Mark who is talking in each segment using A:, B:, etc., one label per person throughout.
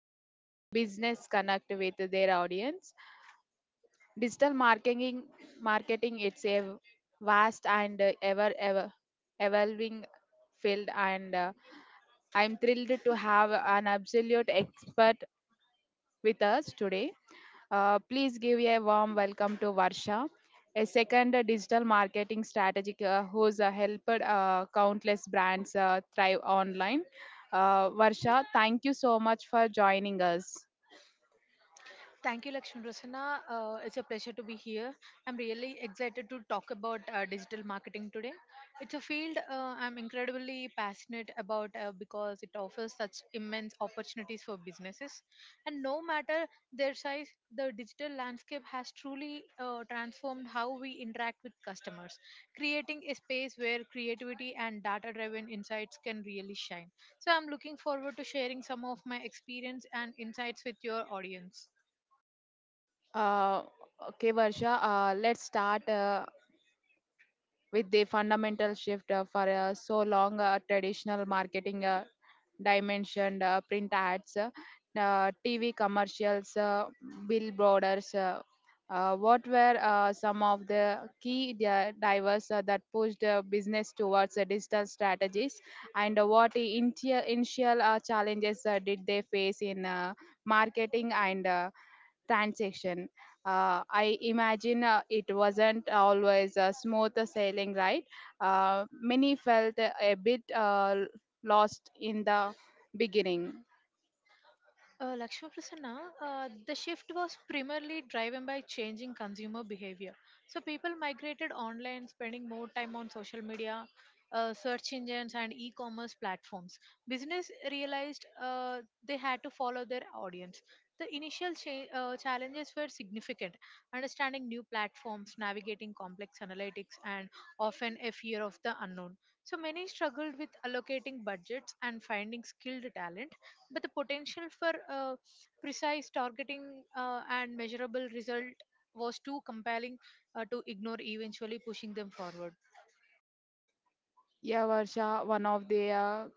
A: business connect with their audience. Digital marketing, marketing. It's a vast and ever evolving field, and I'm thrilled to have an absolute expert with us today. Please give a warm welcome to Varsha, a second digital marketing strategist who's helped countless brands thrive online. Varsha, thank you so much for joining us.
B: Thank you, Lakshmi Prasanna. It's a pleasure to be here. I'm really excited to talk about digital marketing today. It's a field I'm incredibly passionate about because it offers such immense opportunities for businesses. And no matter their size, the digital landscape has truly transformed how we interact with customers, creating a space where creativity and data driven insights can really shine. So I'm looking forward to sharing some of my experience and insights with your audience.
A: Uh, okay, Varsha, let's start. With the fundamental shift for so long traditional marketing dimensioned print ads, TV commercials, billboards. What were some of the key drivers that pushed business towards digital strategies, and what initial challenges did they face in marketing and transaction. I imagine it wasn't always a smooth sailing, right? Many felt a bit lost in the beginning.
B: Lakshmi Prasanna, the shift was primarily driven by changing consumer behavior. So people migrated online, spending more time on social media, search engines, and e-commerce platforms. Business realized they had to follow their audience. The initial challenges were significant: understanding new platforms, navigating complex analytics, and often a fear of the unknown. So many struggled with allocating budgets and finding skilled talent but the potential for precise targeting and measurable result was too compelling to ignore, eventually pushing them forward.
A: Yeah, Varsha, one of the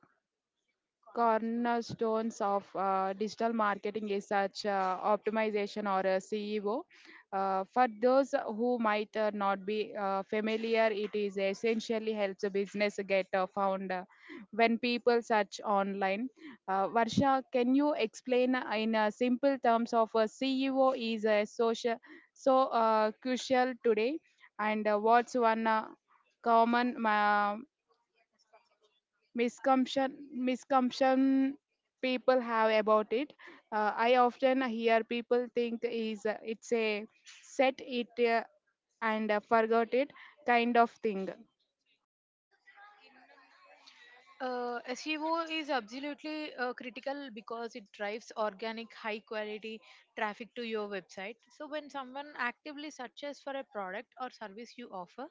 A: cornerstones of digital marketing is such optimization or a CEO, for those who might not be familiar, it is essentially helps a business get found when people search online. Varsha, can you explain in simple terms of a CEO is a social so crucial today, and what's one common misconception people have about it? I often hear people think is it's a set it and forgot it kind of thing.
B: SEO is absolutely critical because it drives organic, high quality traffic to your website. So, when someone actively searches for a product or service you offer,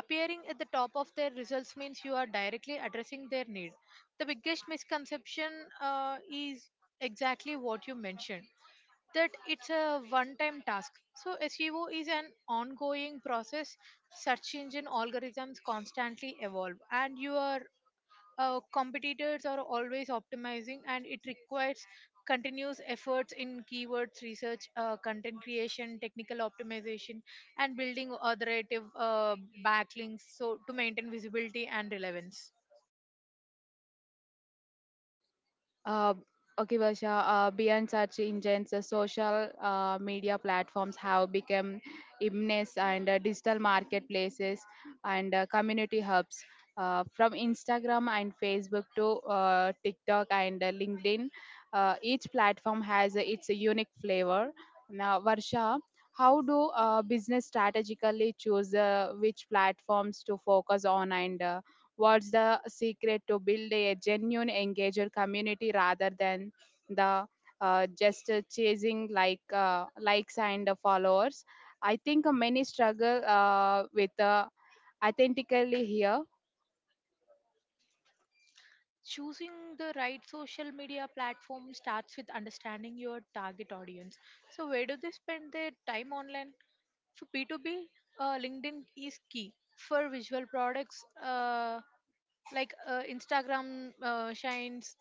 B: appearing at the top of their results means you are directly addressing their need. The biggest misconception is exactly what you mentioned that it's a one time task. So SEO is an ongoing process. Search engine algorithms constantly evolve, and your competitors are always optimizing, and it requires continuous efforts in keywords research, content creation, technical optimization, and building authoritative backlinks so to maintain visibility and relevance.
A: Uh, okay, Basha, beyond such engines, social media platforms have become immense and digital marketplaces and community hubs. From Instagram and Facebook to TikTok and LinkedIn, each platform has its unique flavor. Now, Varsha, how do business strategically choose which platforms to focus on, and what's the secret to build a genuine engager community rather than the just chasing like likes and followers? I think many struggle with authentically here.
B: Choosing the right social media platform starts with understanding your target audience. So, where do they spend their time online? For B2B, LinkedIn is key. For visual products, like Instagram shines.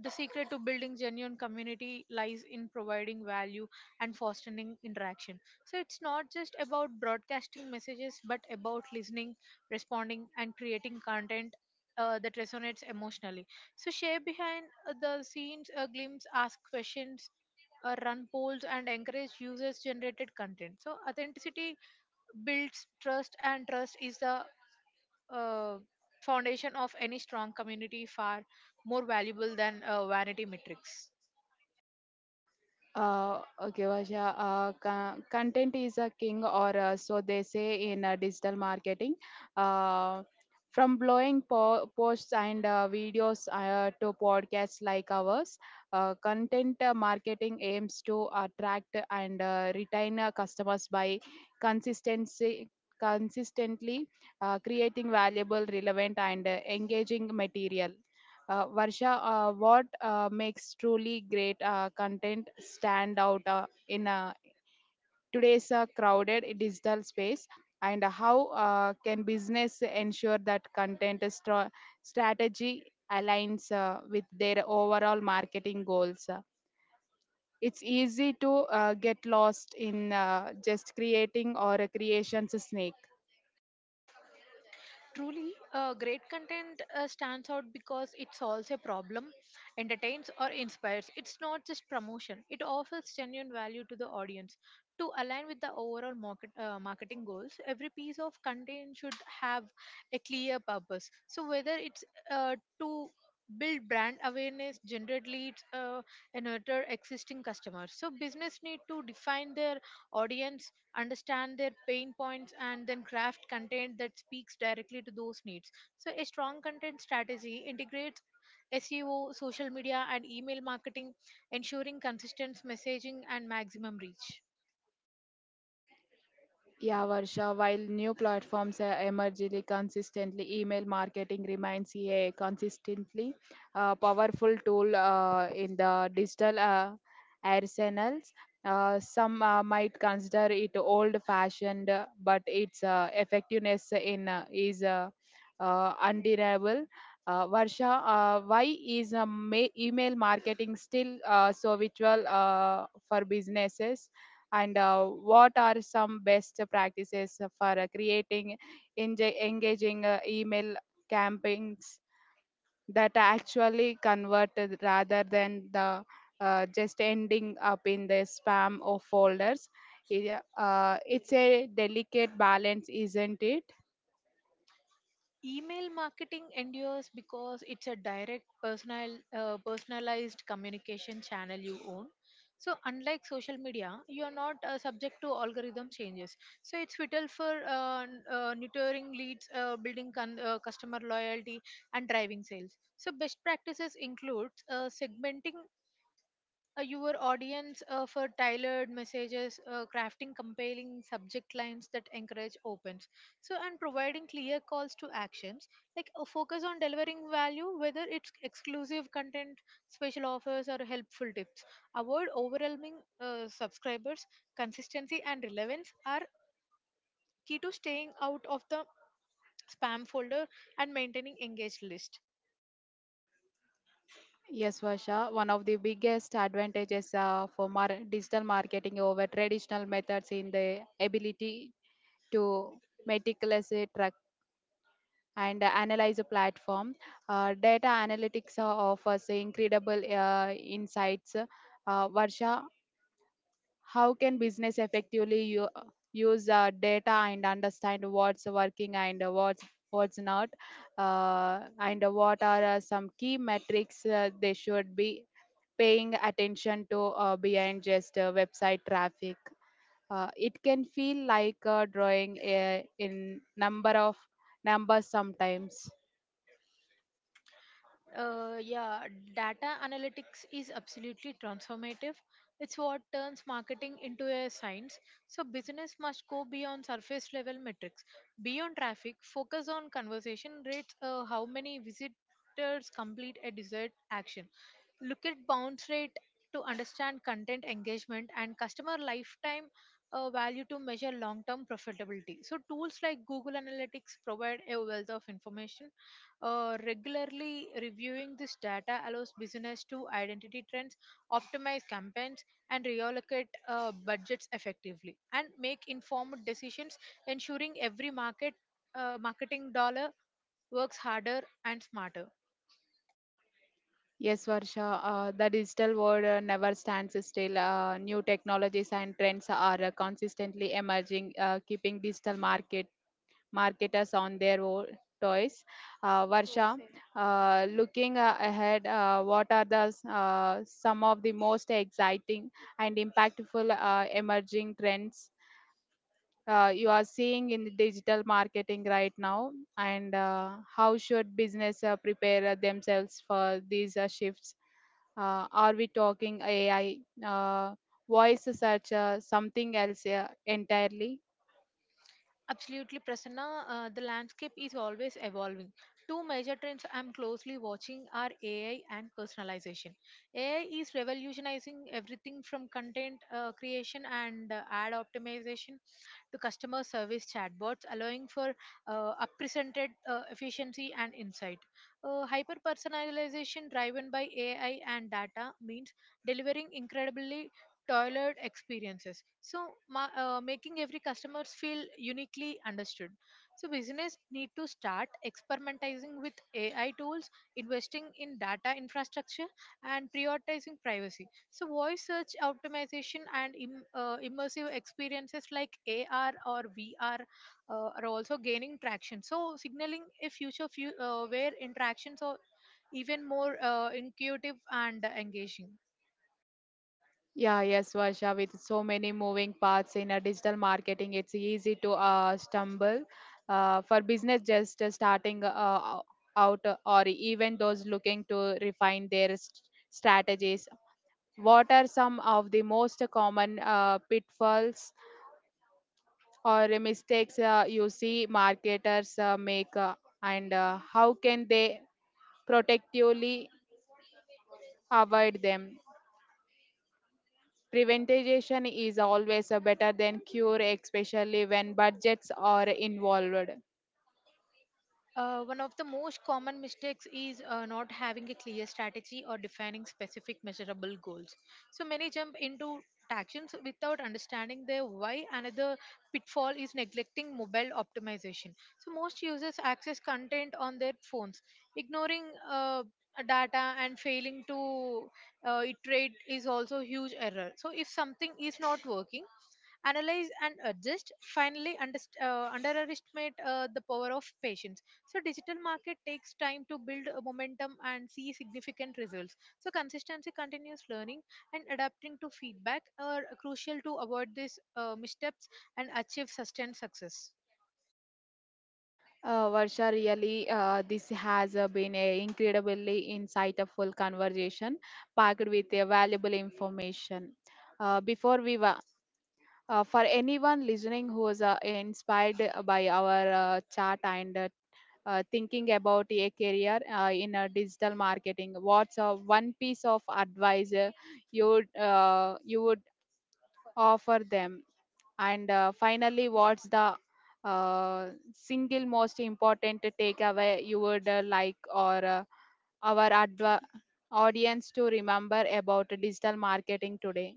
B: The secret to building genuine community lies in providing value and fostering interaction. So it's not just about broadcasting messages, but about listening, responding, and creating content that resonates emotionally. So share behind the scenes a glimpse, ask questions, run polls, and encourage users-generated content. So authenticity builds trust, and trust is the uh, foundation of any strong community far more valuable than vanity metrics.
A: Okay, Vasha. Content is a king, or so they say in digital marketing. Uh, from blowing posts and videos to podcasts like ours, content marketing aims to attract and retain customers by consistency, consistently creating valuable, relevant, and engaging material. Varsha, what makes truly great content stand out in today's crowded digital space? And how can business ensure that content strategy aligns with their overall marketing goals? It's easy to get lost in just creating or a creation's snake.
B: Truly, great content stands out because it solves a problem, entertains, or inspires. It's not just promotion, it offers genuine value to the audience. To align with the overall marketing goals, every piece of content should have a clear purpose. So, whether it's uh, to build brand awareness, generate leads, and nurture existing customers. So, business need to define their audience understand their pain points and then craft content that speaks directly to those needs, so a strong content strategy integrates SEO, social media, and email marketing, ensuring consistent messaging and maximum reach.
A: Yeah, Varsha, while new platforms are emerging consistently, email marketing remains a consistently powerful tool in the digital arsenals. Some might consider it old-fashioned, but its effectiveness in is undeniable. Varsha, why is email marketing still so virtual for businesses? And what are some best practices for creating engaging email campaigns that actually convert rather than the just ending up in the spam or folders? Yeah, it's a delicate balance, isn't it?
B: Email marketing endures because it's a direct personalized communication channel you own. So unlike social media, you are not subject to algorithm changes. So it's vital for nurturing leads, building customer loyalty, and driving sales. So best practices include segmenting your audience for tailored messages, crafting compelling subject lines that encourage opens. So, and providing clear calls to actions, like a focus on delivering value, whether it's exclusive content, special offers, or helpful tips. Avoid overwhelming subscribers. Consistency and relevance are key to staying out of the spam folder and maintaining engaged list.
A: Yes, Vasha, one of the biggest advantages for digital marketing over traditional methods in the ability to meticulously track and analyzer platform. Data analytics offers incredible insights. Varsha, how can business effectively use data and understand what's working and what's not, and what are some key metrics they should be paying attention to behind just website traffic? It can feel like drawing in numbers sometimes.
B: Yeah, data analytics is absolutely transformative. It's what turns marketing into a science. So, business must go beyond surface level metrics. Beyond traffic, focus on conversion rates, how many visitors complete a desired action. Look at bounce rate to understand content engagement and customer lifetime value to measure long term profitability. So, tools like Google Analytics provide a wealth of information. Regularly reviewing this data allows business to identify trends, optimize campaigns, and reallocate budgets effectively, and make informed decisions, ensuring every marketing dollar works harder and smarter.
A: Yes, Varsha, the digital world never stands still. New technologies and trends are consistently emerging, keeping digital market marketers on their toes. Varsha, looking ahead, what are some of the most exciting and impactful emerging trends you are seeing in the digital marketing right now, and how should business prepare themselves for these shifts? Are we talking AI? Uh, voice search, something else entirely?
B: Absolutely, Prasanna. The landscape is always evolving. Two major trends I'm closely watching are AI and personalization. AI is revolutionizing everything from content creation and ad optimization to customer service chatbots, allowing for unprecedented efficiency and insight. Hyper personalization driven by AI and data means delivering incredibly tailored experiences. So, making every customers feel uniquely understood. So, business need to start experimenting with AI tools, investing in data infrastructure, and prioritizing privacy, so voice search optimization and immersive experiences like AR or VR are also gaining traction. So, signaling a future where interactions are even more intuitive and engaging.
A: Yeah, yes, Varsha, with so many moving parts in a digital marketing, it's easy to stumble. For business just starting out or even those looking to refine their strategies, what are some of the most common pitfalls or mistakes you see marketers make, and how can they protectively avoid them? Prevention is always a better than cure, especially when budgets are involved.
B: One of the most common mistakes is not having a clear strategy or defining specific measurable goals. So many jump into actions without understanding their why. Another pitfall is neglecting mobile optimization. So most users access content on their phones, ignoring uh, data and failing to iterate is also huge error. So if something is not working, analyze and adjust. Finally, underestimate the power of patience, so digital market takes time to build a momentum and see significant results, so consistency, continuous learning, and adapting to feedback are crucial to avoid these missteps and achieve sustained success.
A: Varsha, really, this has been an incredibly insightful conversation packed with a valuable information. Before we for anyone listening who is inspired by our chat and thinking about a career in a digital marketing, what's a one piece of advice you would offer them, and finally, what's the uh, single most important takeaway you would like or our audience to remember about digital marketing today?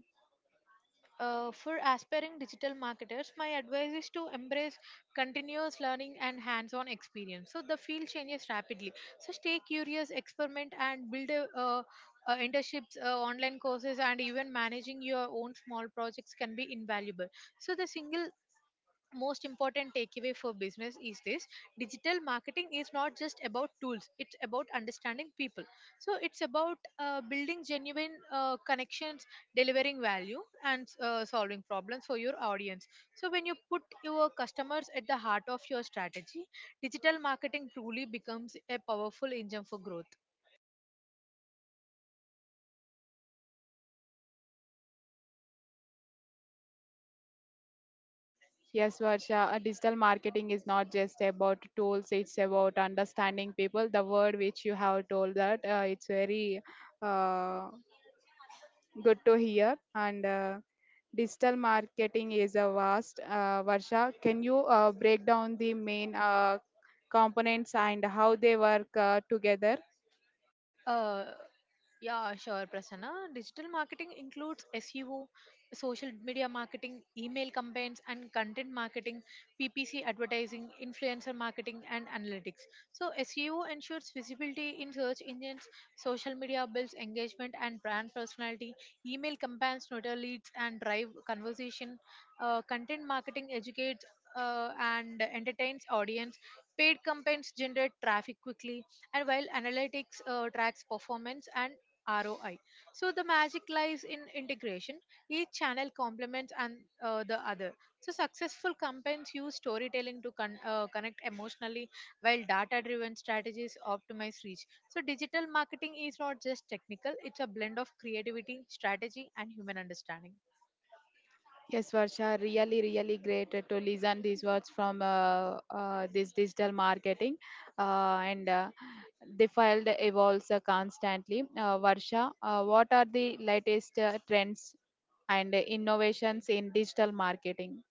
B: For aspiring digital marketers, my advice is to embrace continuous learning and hands on experience. So, the field changes rapidly. So, stay curious, experiment, and build internships, online courses, and even managing your own small projects can be invaluable. So, the single most important takeaway for business is this: digital marketing is not just about tools, it's about understanding people, so it's about building genuine connections, delivering value, and solving problems for your audience, so when you put your customers at the heart of your strategy, digital marketing truly becomes a powerful engine for growth.
A: Yes, Varsha, digital marketing is not just about tools, it's about understanding people. The word which you have told that it's very uh, good to hear. And digital marketing is a vast. Varsha, can you break down the main components and how they work together?
B: uh, Yeah, sure, Prasanna. Digital marketing includes SEO, social media marketing, email campaigns, and content marketing, PPC advertising, influencer marketing, and analytics. So, SEO ensures visibility in search engines, social media builds engagement and brand personality, email campaigns, nurture leads, and drive conversation. Content marketing educates and entertains audience. Paid campaigns generate traffic quickly, and while analytics tracks performance and ROI. So the magic lies in integration. Each channel complements and the other. So successful campaigns use storytelling to connect emotionally, while data-driven strategies optimize reach. So digital marketing is not just technical; it's a blend of creativity, strategy, and human understanding.
A: Yes, Varsha, really, really great to listen these words from this digital marketing, and the field evolves constantly. Varsha, what are the latest trends and innovations in digital marketing?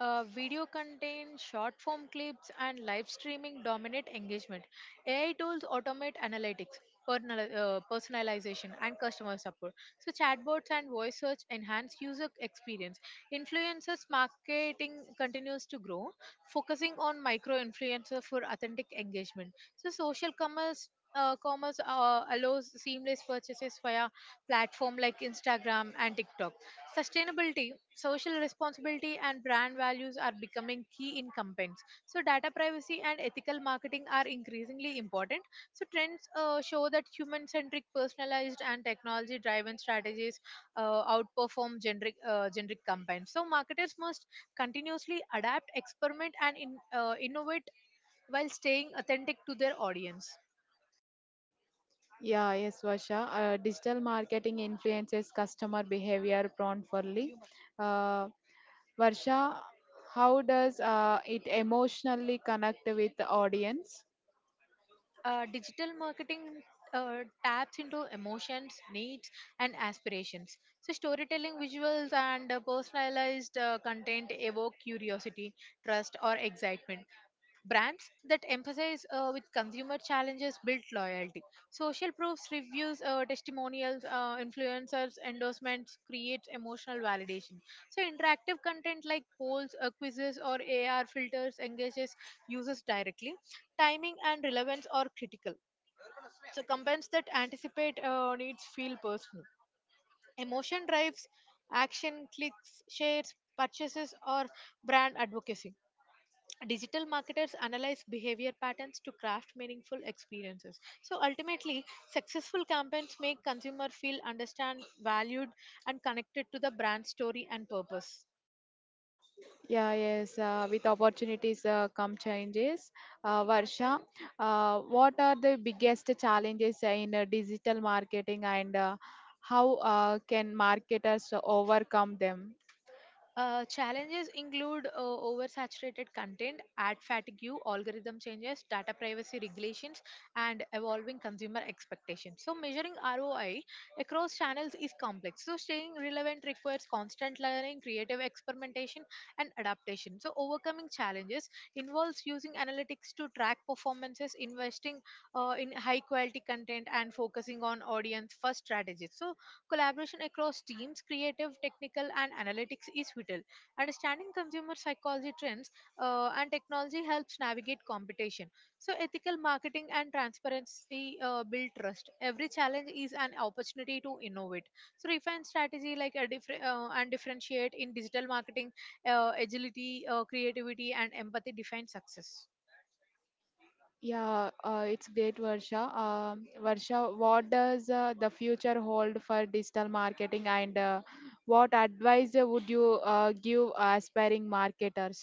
B: Video content, short form clips, and live streaming dominate engagement. AI tools automate analytics, personalization, and customer support. So, chatbots and voice search enhance user experience. Influencers marketing continues to grow, focusing on micro influencer for authentic engagement. So, social commerce. Commerce allows seamless purchases via platform like Instagram and TikTok. Sustainability, social responsibility, and brand values are becoming key incumbents. So, data privacy and ethical marketing are increasingly important. So, trends show that human centric, personalized, and technology driven strategies outperform generic campaigns. So, marketers must continuously adapt, experiment, and innovate while staying authentic to their audience.
A: Yeah, yes, Varsha. Digital marketing influences customer behavior profoundly. Uh, Varsha, how does it emotionally connect with the audience?
B: Digital marketing uh, taps into emotions, needs, and aspirations. So, storytelling visuals and personalized content evoke curiosity, trust, or excitement. Brands that emphasize with consumer challenges build loyalty. Social proofs, reviews, testimonials, influencers, endorsements create emotional validation. So interactive content like polls, quizzes, or AR filters engages users directly. Timing and relevance are critical. So campaigns that anticipate needs feel personal. Emotion drives action, clicks, shares, purchases, or brand advocacy. Digital marketers analyze behavior patterns to craft meaningful experiences. So ultimately, successful campaigns make consumer feel understand, valued, and connected to the brand story and purpose.
A: Yeah, yes, with opportunities come changes. Varsha, what are the biggest challenges in digital marketing, and how can marketers overcome them?
B: Challenges include oversaturated content, ad fatigue, algorithm changes, data privacy regulations, and evolving consumer expectations. So, measuring ROI across channels is complex. So, staying relevant requires constant learning, creative experimentation, and adaptation. So, overcoming challenges involves using analytics to track performances, investing in high quality content, and focusing on audience first strategies. So, collaboration across teams, creative, technical, and analytics is vital. Understanding consumer psychology trends and technology helps navigate competition. So, ethical marketing and transparency build trust. Every challenge is an opportunity to innovate. So, refine strategy like a different and differentiate in digital marketing, agility, creativity, and empathy define success.
A: Yeah, it's great, Varsha. Varsha, what does the future hold for digital marketing, and what advice would you give aspiring marketers?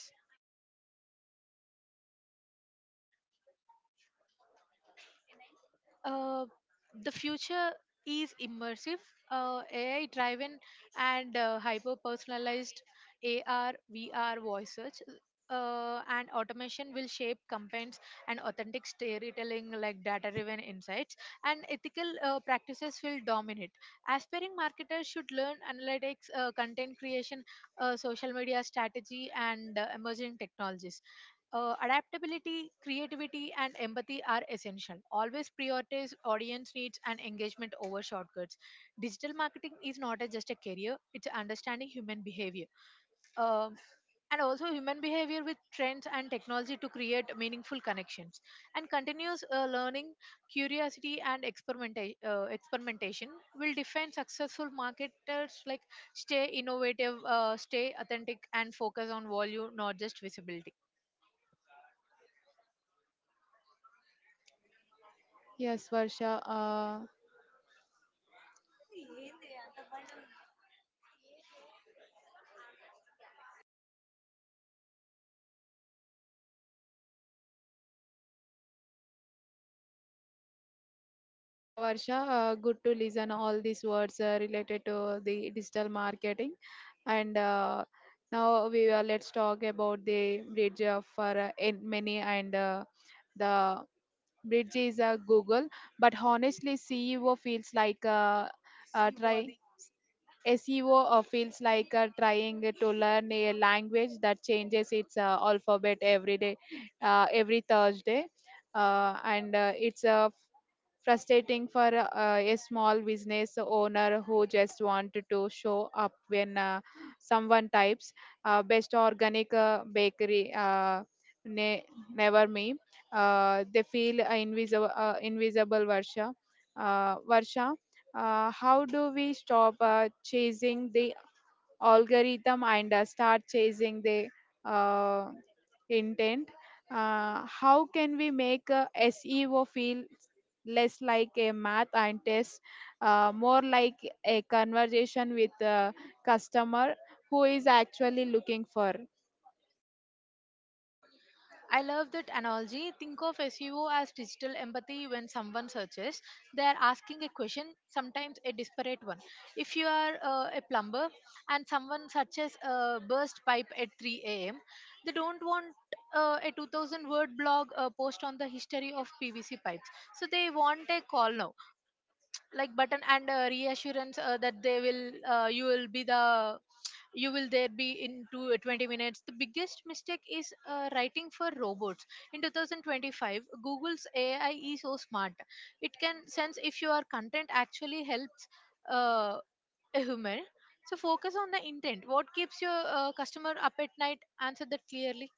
B: uh, the future is immersive, AI driven, and hyper personalized. AR, VR voice search. And automation will shape campaigns and authentic storytelling like data driven insights and ethical practices will dominate. Aspiring marketers should learn analytics, content creation, social media strategy, and emerging technologies. Adaptability, creativity, and empathy are essential. Always prioritize audience needs and engagement over shortcuts. Digital marketing is not just a career, it's understanding human behavior. Um and also human behavior with trends and technology to create meaningful connections. And continuous learning, curiosity, and experimentation will define successful marketers. Like, stay innovative, stay authentic, and focus on value, not just visibility.
A: Yes, Varsha. Yeah, Varsha, good to listen all these words related to the digital marketing. And now we let's talk about the bridge for in many, and the bridge is Google. But honestly, CEO feels like trying. SEO feels like trying to learn a language that changes its alphabet every day, every Thursday, and it's frustrating for a small business owner who just wanted to show up when someone types best organic bakery ne- never me. They feel invisible, Varsha. Varsha, how do we stop chasing the algorithm, and start chasing the uh, intent? How can we make SEO feel less like a math and test, more like a conversation with a customer who is actually looking for?
B: I love that analogy. Think of SEO as digital empathy. When someone searches, they are asking a question, sometimes a disparate one. If you are a plumber and someone searches a burst pipe at 3 a.m., they don't want a 2000 word blog post on the history of PVC pipes. So they want a call now like button and reassurance that they will you will be the you will there be in 20 minutes. The biggest mistake is writing for robots. In 2025, Google's AI is so smart it can sense if your content actually helps uh, a human. So focus on the intent. What keeps your customer up at night? Answer that clearly.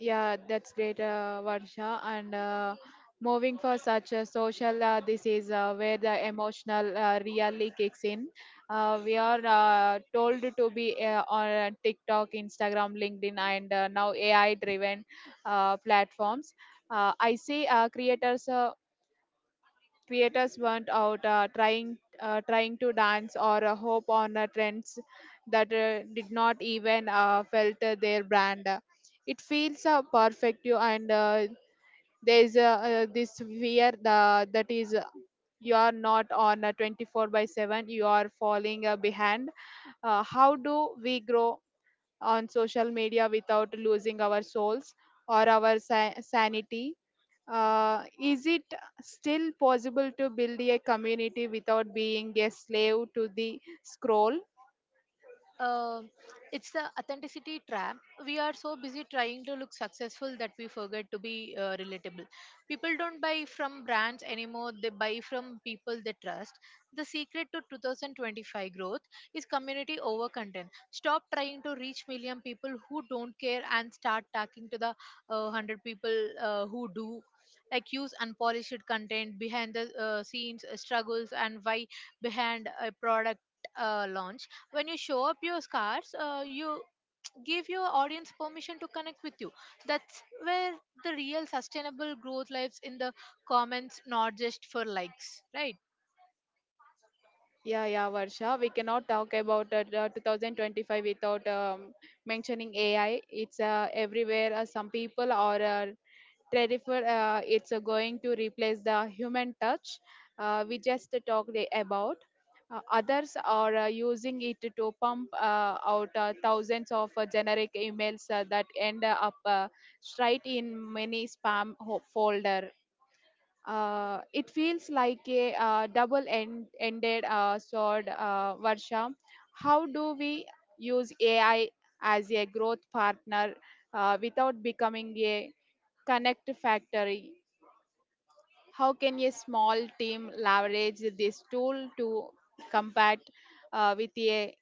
A: Yeah, that's great, Varsha. And moving for such a social, this is where the emotional really kicks in. We are told to be on TikTok, Instagram, LinkedIn, and now AI-driven platforms. I see creators weren't out trying to dance or hope on trends that did not even felt their brand. It feels perfect you, and there's this fear that is you are not on a 24 by 7, you are falling behind. How do we grow on social media without losing our souls or our sanity? Is it still possible to build a community without being a slave to the scroll?
B: uh, it's the authenticity trap. We are so busy trying to look successful that we forget to be relatable. People don't buy from brands anymore, they buy from people they trust. The secret to 2025 growth is community over content. Stop trying to reach million people who don't care and start talking to the 100 people who do. Like, use unpolished content, behind the scenes, struggles, and why behind a product launch. When you show up your scars, you give your audience permission to connect with you. That's where the real sustainable growth lives, in the comments, not just for likes, right?
A: Yeah, yeah, Varsha. We cannot talk about the 2025 without mentioning AI. It's everywhere. Some people are Terrifier, it's going to replace the human touch we just talked about. Others are using it to pump out thousands of generic emails that end up straight in many spam folder. It feels like a double-ended sword, Varsha. How do we use AI as a growth partner without becoming a connect factory? How can a small team leverage this tool to combat with a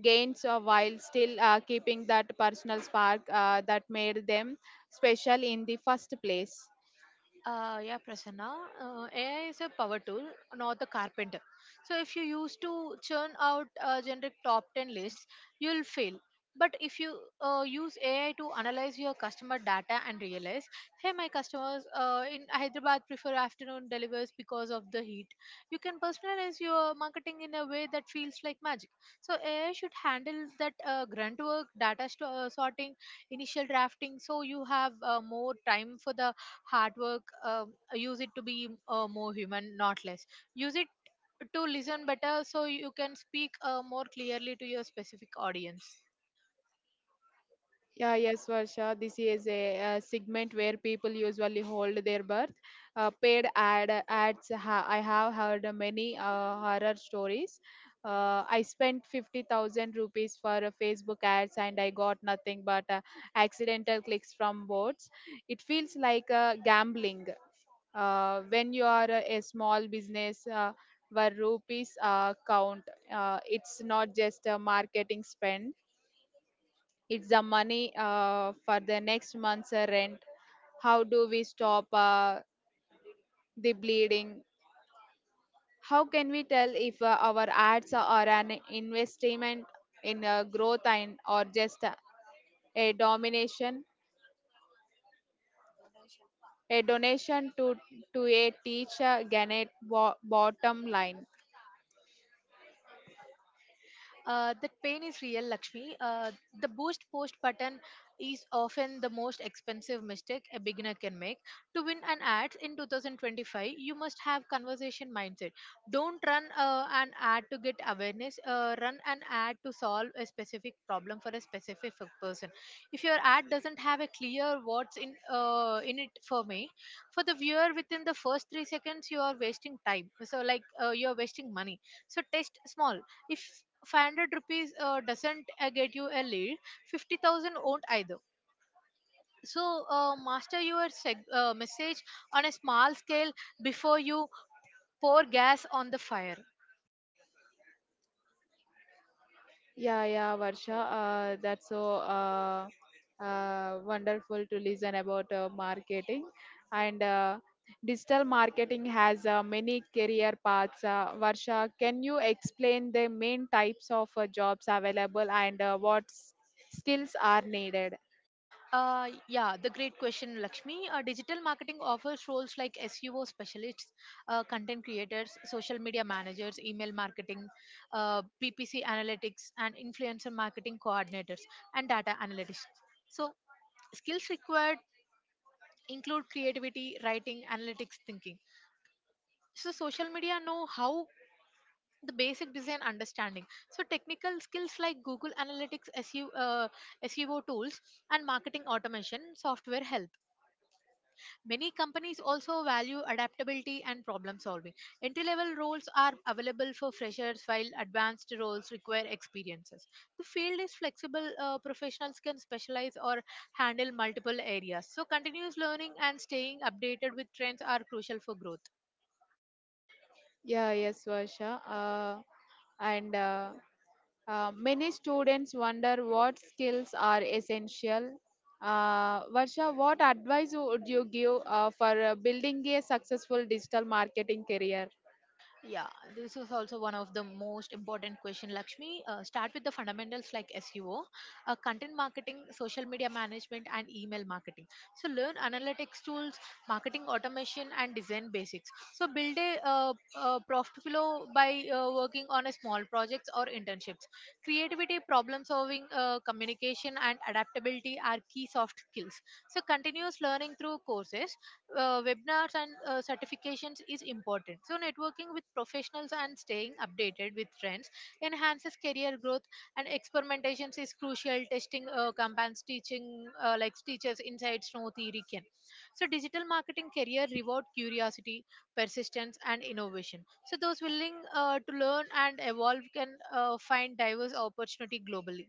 A: gains while still keeping that personal spark that made them special in the first place?
B: Yeah, Prasanna. AI is a power tool, not a carpenter. So if you used to churn out a generic top 10 list, you'll fail. But if you use AI to analyze your customer data and realize, hey, my customers in Hyderabad prefer afternoon delivers because of the heat, you can personalize your marketing in a way that feels like magic. So AI should handle that grunt work, sorting, initial drafting, so you have more time for the hard work. Use it to be more human, not less. Use it to listen better so you can speak more clearly to your specific audience.
A: Yeah, yes, Varsha. This is a segment where people usually hold their birth. Paid ad ads. I have heard many horror stories. I spent 50,000 rupees for Facebook ads, and I got nothing but accidental clicks from bots. It feels like gambling. When you are a small business where rupees count, it's not just a marketing spend, it's the money for the next month's rent. How do we stop the bleeding? How can we tell if our ads are an investment in growth, and or just a domination, a donation to a teacher ganet bottom line?
B: That pain is real, Lakshmi. The boost post button is often the most expensive mistake a beginner can make. To win an ad in 2025, you must have conversation mindset. Don't run an ad to get awareness. Run an ad to solve a specific problem for a specific person. If your ad doesn't have a clear what's in it for me, for the viewer within the first 3 seconds, you are wasting time. So like, you are wasting money. So test small. If 500 rupees doesn't get you a lead, 50,000 won't either. So master your message on a small scale before you pour gas on the fire.
A: Yeah, yeah, Varsha. That's so wonderful to listen about marketing. And digital marketing has many career paths. Varsha, can you explain the main types of jobs available, and what skills are needed?
B: Yeah, the great question, Lakshmi. Digital marketing offers roles like SEO specialists, content creators, social media managers, email marketing, PPC analytics, and influencer marketing coordinators, and data analytics. So, skills required include creativity, writing, analytics thinking. So social media know how the basic design understanding. So technical skills like Google Analytics, SEO, SEO tools, and marketing automation software help. Many companies also value adaptability and problem solving. Entry level roles are available for freshers, while advanced roles require experiences. The field is flexible. Professionals can specialize or handle multiple areas. So, continuous learning and staying updated with trends are crucial for growth.
A: Yeah, yes, Varsha. And many students wonder what skills are essential. Varsha, what advice would you give for building a successful digital marketing career?
B: Yeah, this is also one of the most important question, Lakshmi. Start with the fundamentals like SEO, content marketing, social media management, and email marketing. So learn analytics tools, marketing automation, and design basics. So build a profit flow by working on a small projects or internships. Creativity, problem solving, communication, and adaptability are key soft skills. So continuous learning through courses, webinars, and certifications is important. So, networking with professionals and staying updated with trends enhances career growth, and experimentations is crucial. Testing campaigns, teaching like teachers insights no theory can. So, digital marketing career reward curiosity, persistence, and innovation. So, those willing to learn and evolve can find diverse opportunity globally.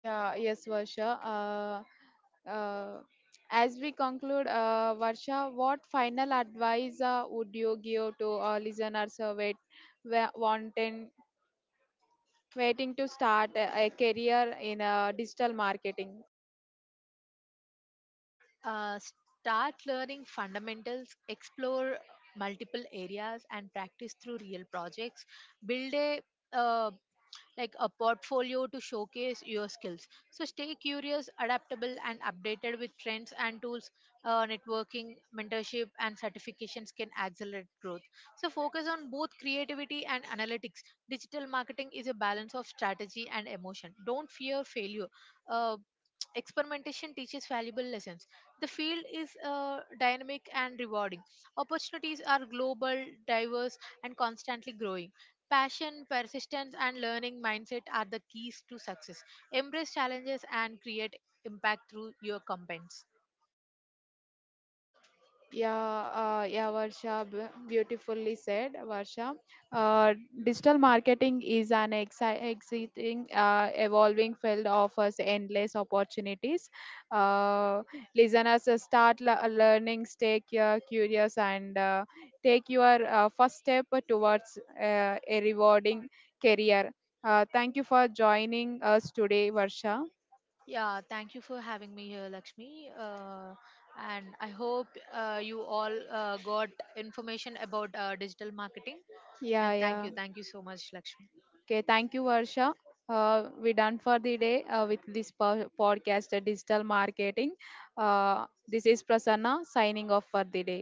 A: Yeah, yes, Varsha. As we conclude, Varsha, what final advice would you give to our listeners wanting, waiting to start a career in digital marketing?
B: Uh, Start learning fundamentals, explore multiple areas, and practice through real projects. Build a, uh, like a portfolio to showcase your skills. So stay curious, adaptable, and updated with trends and tools. Networking, mentorship, and certifications can accelerate growth. So focus on both creativity and analytics. Digital marketing is a balance of strategy and emotion. Don't fear failure. Uh, Experimentation teaches valuable lessons. The field is dynamic and rewarding. Opportunities are global, diverse, and constantly growing. Passion, persistence, and learning mindset are the keys to success. Embrace challenges and create impact through your campaigns.
A: Yeah, yeah, Varsha, beautifully said, Varsha. Uh, digital marketing is an exciting, evolving field, offers endless opportunities. Uh, listeners start learning, stay curious, and take your first step towards a rewarding career. Thank you for joining us today, Varsha.
B: Yeah, thank you for having me here, Lakshmi. And I hope you all got information about digital marketing.
A: Yeah,
B: And
A: yeah.
B: thank you so much, Lakshmi.
A: Okay, thank you, Varsha. We done for the day with this podcast, digital marketing. This is Prasanna signing off for the day.